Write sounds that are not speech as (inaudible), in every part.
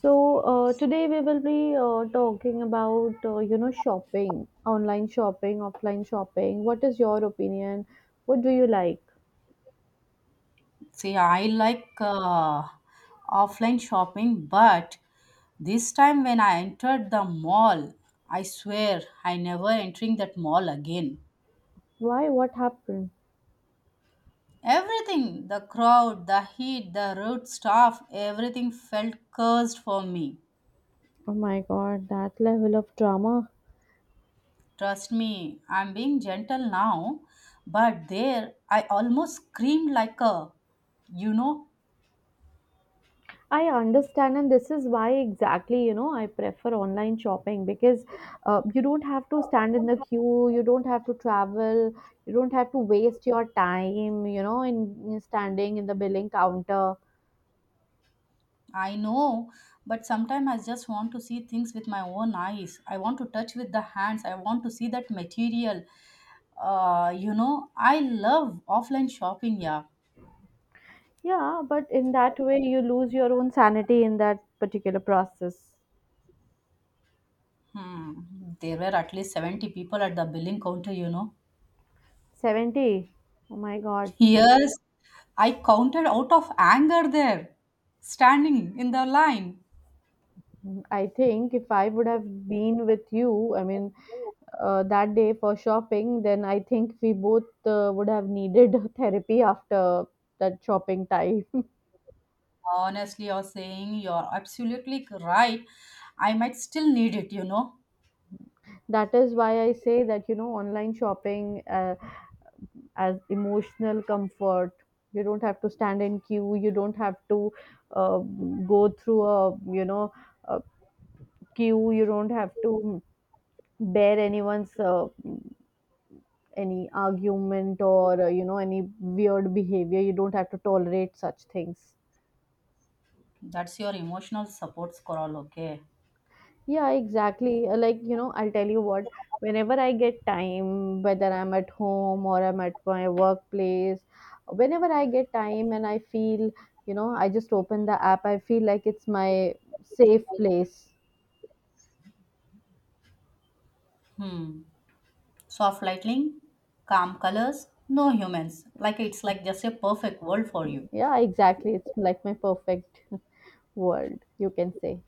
So today we will be talking about shopping, online shopping, offline shopping. What is your opinion? What do you like? See, I like offline shopping, but this time when I entered the mall, I swear I never entering that mall again. Why? What happened? Everything, the crowd, the heat, the rude staff, everything felt cursed for me. Oh my god, that level of drama. Trust me, I'm being gentle now, but there I almost screamed like a, you know, I understand, and this is why exactly I prefer online shopping because you don't have to stand in the queue, you don't have to travel, you don't have to waste your time in standing in the billing counter. I know, but sometimes I just want to see things with my own eyes. I want to touch with the hands. I want to see that material. I love offline shopping. Yeah, Yeah, but in that way, you lose your own sanity in that particular process. hmm, there were at least 70 people at the billing counter. 70. Oh my God. (laughs) Yes, I counted out of anger there, standing in the line. I think if I would have been with you, I mean, that day for shopping, then I think we both would have needed (laughs) therapy after that shopping time. (laughs) Honestly, you're saying you're absolutely right. I might still need it. That is why I say that, you know, online shopping as emotional comfort. You don't have to stand in queue. You don't have to go through a, you know, uh, queue. You don't have to bear anyone's any argument or any weird behavior. You don't have to tolerate such things. That's your emotional support squirrel, okay? Yeah, exactly. Like, you know, I'll tell you what, whenever I get time, whether I'm at home or I'm at my workplace, whenever I get time and I feel, you know, I just open the app. I feel like it's my safe place. Hmm. Soft lighting, calm colors, no humans. Like it's like just a perfect world for you. Yeah, exactly, it's like my perfect (laughs) world, you can say.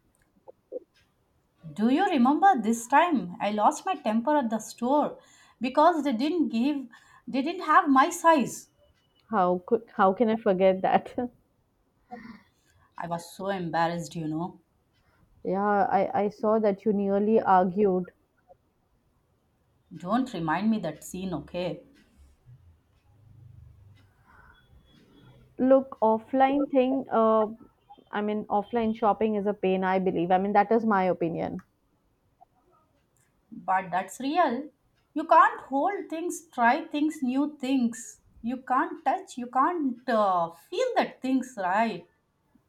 Do you remember this time I lost my temper at the store because they didn't have my size. How could— how can I forget that? (laughs) I was so embarrassed. Yeah, I saw that you nearly argued. Don't remind me that scene, okay? Look, offline shopping is a pain, I believe. I mean, that is my opinion. But that's real. You can't hold things, try things, new things. You can't touch, you can't feel that things, right?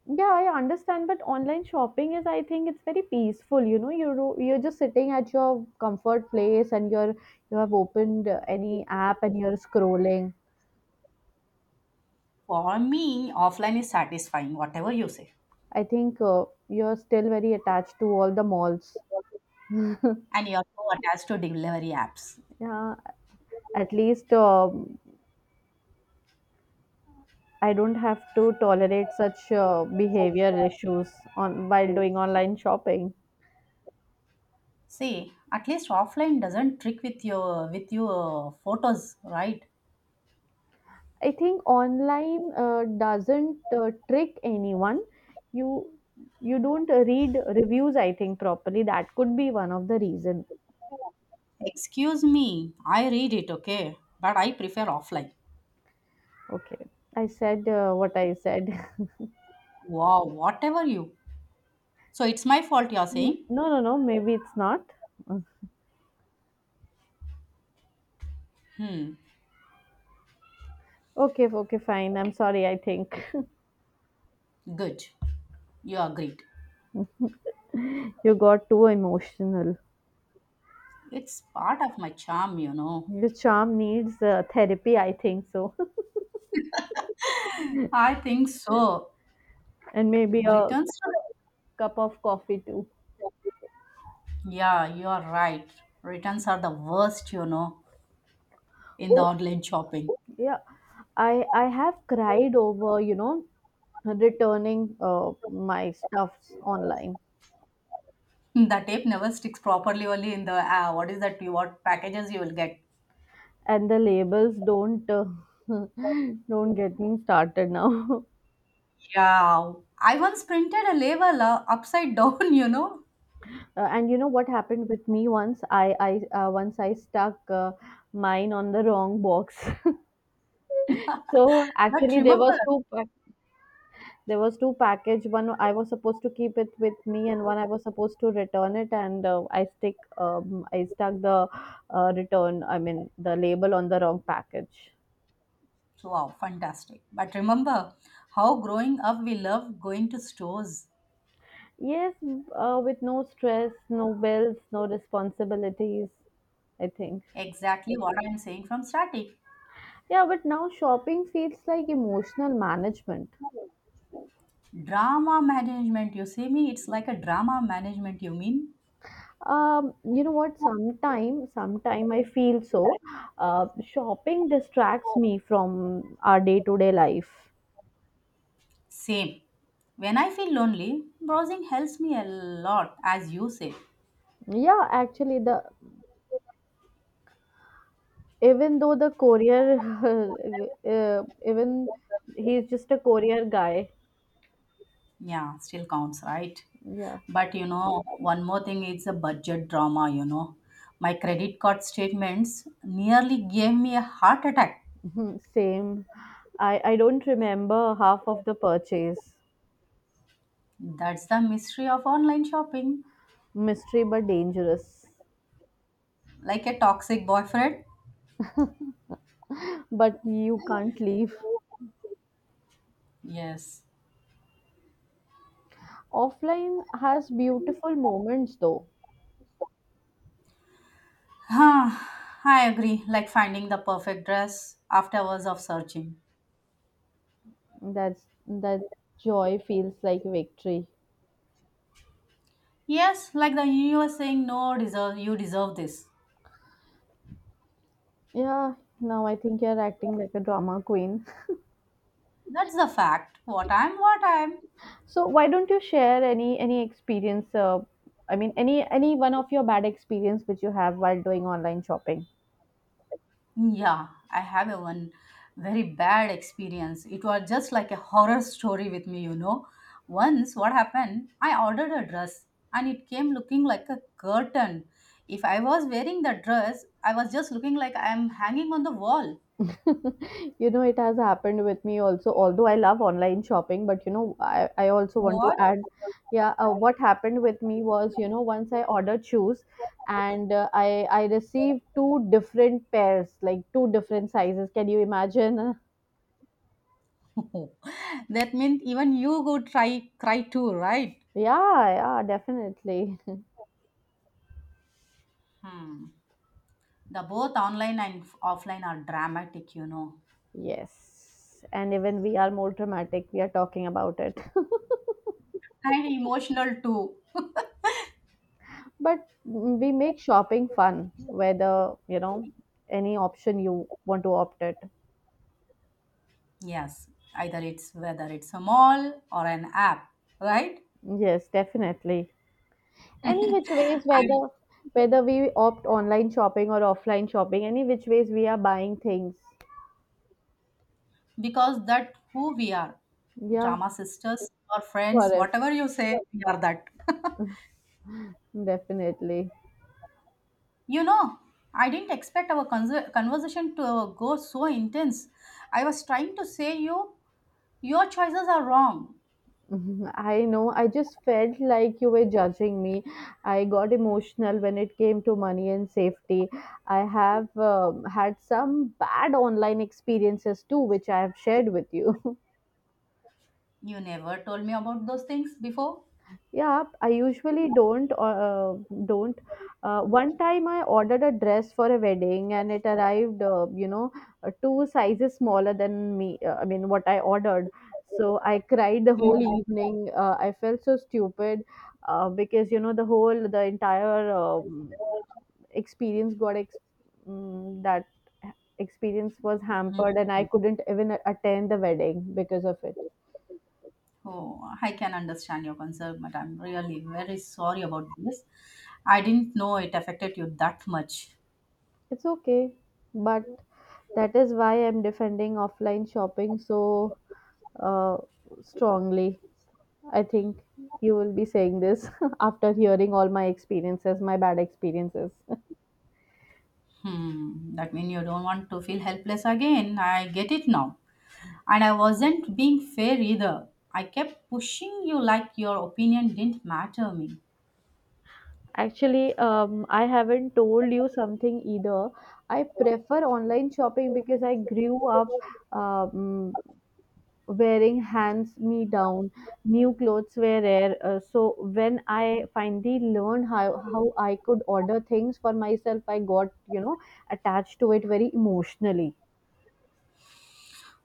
Yeah, I understand, but online shopping is, I think, it's very peaceful. You know, you're just sitting at your comfort place, and you're— you have opened any app and you're scrolling. For me, offline is satisfying, whatever you say. I think you're still very attached to all the malls. (laughs) And you're so attached to delivery apps. Yeah, at least I don't have to tolerate such behavior issues on while doing online shopping. See, at least offline doesn't trick with your photos, right? I think online doesn't trick anyone. You— you don't read reviews, I think, properly. That could be one of the reason. Excuse me, I read it, okay, but I prefer offline. Okay, I said what I said. Wow, whatever you. So it's my fault you're (laughs) No, saying? no, no. Maybe it's not. Mm. Okay, okay, fine. I'm sorry. I think Good. You agreed. (laughs) you got too emotional. It's part of my charm, you know. Your charm needs therapy, I think so. (laughs) I think so. And maybe a Returns to the- cup of coffee too. Yeah, you are right. Returns are the worst, you know, in the Oh, online shopping. yeah, I have cried over, you know, returning uh, my stuffs online, Mm, the tape never sticks properly only in the what is that you what packages you will get. and the labels don't— (laughs) don't get me started now. (laughs) Yeah. I once printed a label upside down, (laughs) you know. And you know what happened with me once? I Once I stuck mine on the wrong box. (laughs) so But actually there remember, was two There was two package. One I was supposed to keep it with me, and one I was supposed to return it. And I stuck the return. I mean the label on the wrong package. so, wow, fantastic. But remember how growing up we love going to stores. Yes, with no stress, no bills, no responsibilities, I think. Exactly what I'm saying from starting. Yeah, but now shopping feels like emotional management. Drama management, you see me? It's like a drama management, you mean? You know what? Sometime I feel so. Shopping distracts me from our day-to-day life. Same. When I feel lonely, browsing helps me a lot, as you say. Yeah, actually, the even though the courier (laughs) even he's just a courier guy. Yeah, still counts, right? Yeah. But you know, one more thing, it's a budget drama, you know. My credit card statements nearly gave me a heart attack. Mhm. Same, I don't remember half of the purchase. That's the mystery of online shopping. Mystery, but dangerous. Like a toxic boyfriend? But you can't leave. Yes. Offline has beautiful moments though. Huh? I agree. Like finding the perfect dress after hours of searching. That's that joy feels like victory. Yes, like the universe saying, no, deserve you deserve this. Yeah, now I think you're acting like a drama queen. That's the fact. What I'm, what I'm. So why don't you share any experience? I mean, any one of your bad experience which you have while doing online shopping. Yeah, I have a one very bad experience. It was just like a horror story with me, you know. Once, what happened? I ordered a dress and it came looking like a curtain. If I was wearing the dress, I was just looking like I'm hanging on the wall. (laughs) You know, it has happened with me also. Although I love online shopping, but you know, I also want to What? add, yeah. What happened with me was, you know, once I ordered shoes, and I received two different pairs, like two different sizes. Can you imagine? (laughs) (laughs) that means even you go try cry too, right? Yeah, yeah, definitely. Hmm. The both online and offline are dramatic, you know, Yes. And even we are more dramatic, we are talking about it. (laughs) and emotional too. But we make shopping fun, whether, you know, any option you want to opt it. Yes, either it's whether it's a mall or an app, right? Yes, definitely. Any which ways, And whether we opt online shopping or offline shopping, any which ways we are buying things. because that who we are, Yeah, drama sisters or for friends, if whatever you say, we are that. (laughs) definitely. You know, I didn't expect our conversation to go so intense. I was trying to say you, your choices are wrong. Mhm. I know. I just felt like you were judging me. I got emotional when it came to money and safety. I have had some bad online experiences too, which I have shared with you. (laughs) You never told me about those things before. Yeah, I usually don't. One time I ordered a dress for a wedding and it arrived, two sizes smaller than me. I mean, what I ordered. So I cried the whole Mhm. evening. I felt so stupid because you know the entire experience got ex- mm, that experience was hampered, and I couldn't even attend the wedding because of it. Oh, I can understand your concern, but I'm really very sorry about this. I didn't know it affected you that much. It's okay, but— that is why I'm defending offline shopping so uh, strongly. I think you will be saying this (laughs) after hearing all my experiences, my bad experiences. (laughs) Hmm, that means you don't want to feel helpless again. I get it now. And I wasn't being fair either. I kept pushing you like your opinion didn't matter me. Actually, I haven't told you something either. I prefer online shopping because I grew up um, wearing hands me down. New clothes were rare, so when I finally learned how I could order things for myself, I got, you know, attached to it very emotionally.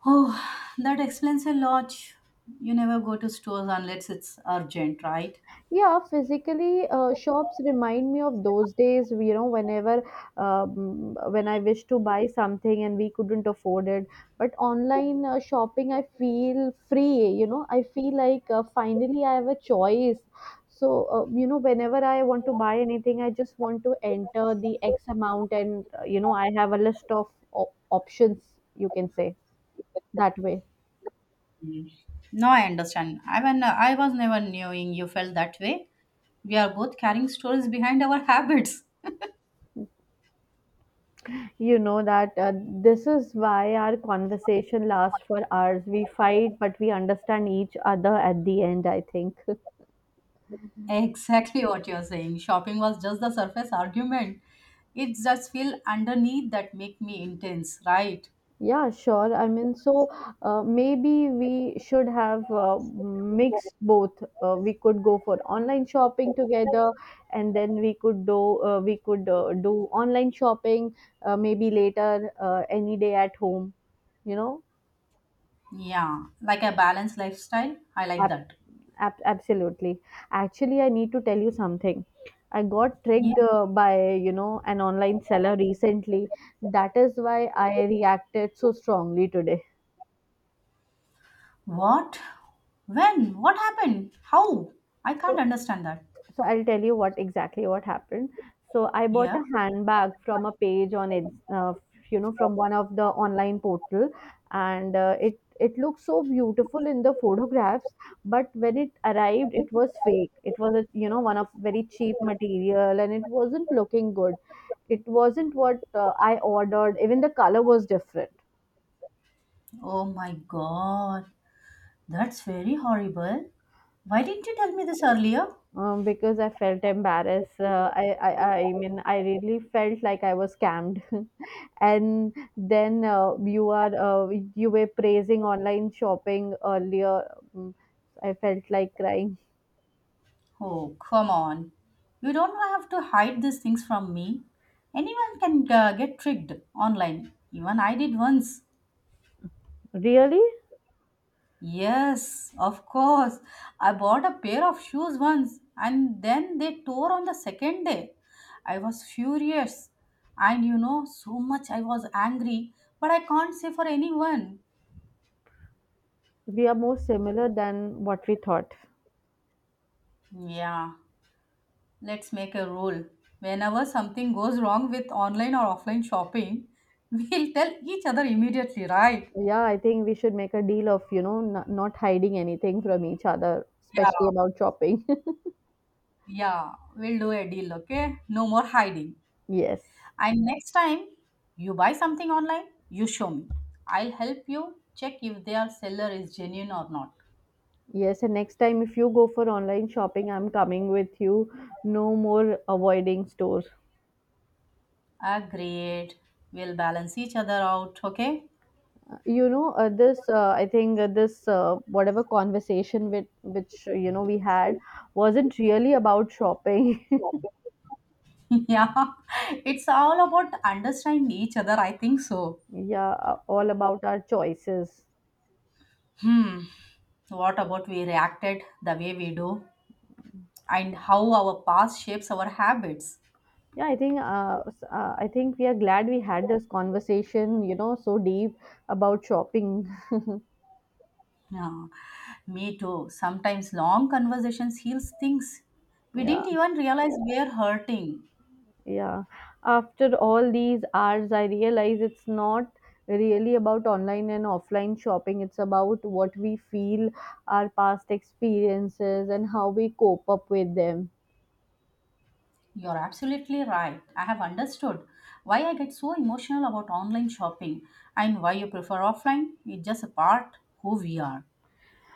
Oh, that explains a lot. You never go to stores unless it's urgent, right? Yeah, physically, shops remind me of those days, you know, whenever— when I wish to buy something and we couldn't afford it. But online shopping, I feel free, you know, I feel like finally I have a choice. So, you know, whenever I want to buy anything, I just want to enter the X amount, and, you know, I have a list of options, you can say that way. No, I understand. I, when, I was never knowing you felt that way. We are both carrying stories behind our (laughs) habits. You know that this is why our conversation lasts for hours. We fight, but we understand each other at the end, I think. (laughs) Exactly what you're saying. Shopping was just the surface argument. It's just feel underneath that make me intense, right? Yeah, sure. I mean, so maybe we should have mixed both. We could go for online shopping together, and then we could do online shopping maybe later, any day at home, you know. Yeah, like a balanced lifestyle. I like that. Absolutely. Actually, I need to tell you something. I got Yeah. tricked by, you know, an online seller recently. That is why I reacted so strongly today. What? When? What happened? How? I can't So understand that. so I'll tell you what exactly what happened. So I bought Yeah. a handbag from a page on it, uh, you know, from one of the online portal, and it looked so beautiful in the photographs. But when it arrived, it was fake. It was a, you know, one of very cheap material, and it wasn't looking good. It wasn't what I ordered. Even the color was different. Oh my god. That's very horrible. Why didn't you tell me this earlier? Um, because I felt embarrassed. I mean, I really felt like I was scammed. (laughs) And then you were praising online shopping earlier. Um, I felt like crying. Oh, come on. You don't have to hide these things from me. Anyone can get tricked online. Even I did once. Really, Yes, of course. I bought a pair of shoes once and then they tore on the second day. I was furious. And you know, so much I was angry, but I can't say for anyone. we are more similar than what we thought. Yeah, let's make a rule. Whenever something goes wrong with online or offline shopping, (laughs) we'll tell each other immediately, right? Yeah, I think we should make a deal of, you know, not hiding anything from each other, Yeah, especially about shopping. yeah, we'll do a deal, okay? No more hiding. (laughs) Yes. And next time you buy something online, you show me. I'll help you check if their seller is genuine or not. Yes, and next time if you go for online shopping, I'm coming with you. No more avoiding stores. Agreed. We'll balance each other out, okay? You know, this I think this whatever conversation with which you know we had wasn't really about shopping. (laughs) (laughs) Yeah, it's all about understanding each other, I think so. Yeah, all about our choices. Hmm, what about we reacted the way we do? And how our past shapes our habits. Yeah, I think I think we are glad we had this conversation. You know, so deep about shopping. (laughs) Yeah, me too. Sometimes long conversations heals things we Yeah. didn't even realize we're hurting. Yeah. After all these hours, I realize it's not really about online and offline shopping. It's about what we feel, our past experiences, and how we cope up with them. You're absolutely right. I have understood why I get so emotional about online shopping and why you prefer offline. It's just a part who we are,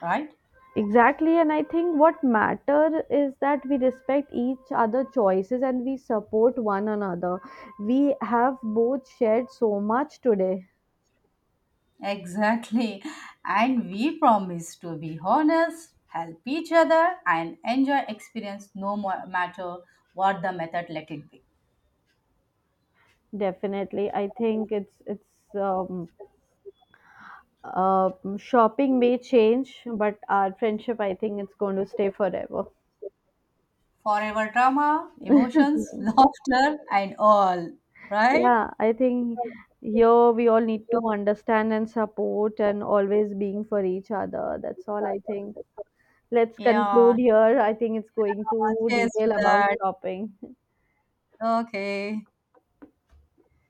right? Exactly. And I think what matter is that we respect each other choices and we support one another. We have both shared so much today. Exactly. And we promise to be honest, help each other, and enjoy experience no mo- matter what the method let it be. Definitely. I think it's, it's, Uh, shopping may change, but our friendship, I think it's going to stay forever. Forever drama, emotions, (laughs) (laughs) laughter, and all. Right? Yeah, I think here we all need to understand and support and always being for each other. That's all I think. Let's Yeah. conclude here. I think it's going to Cheers to detail about that. shopping. Okay.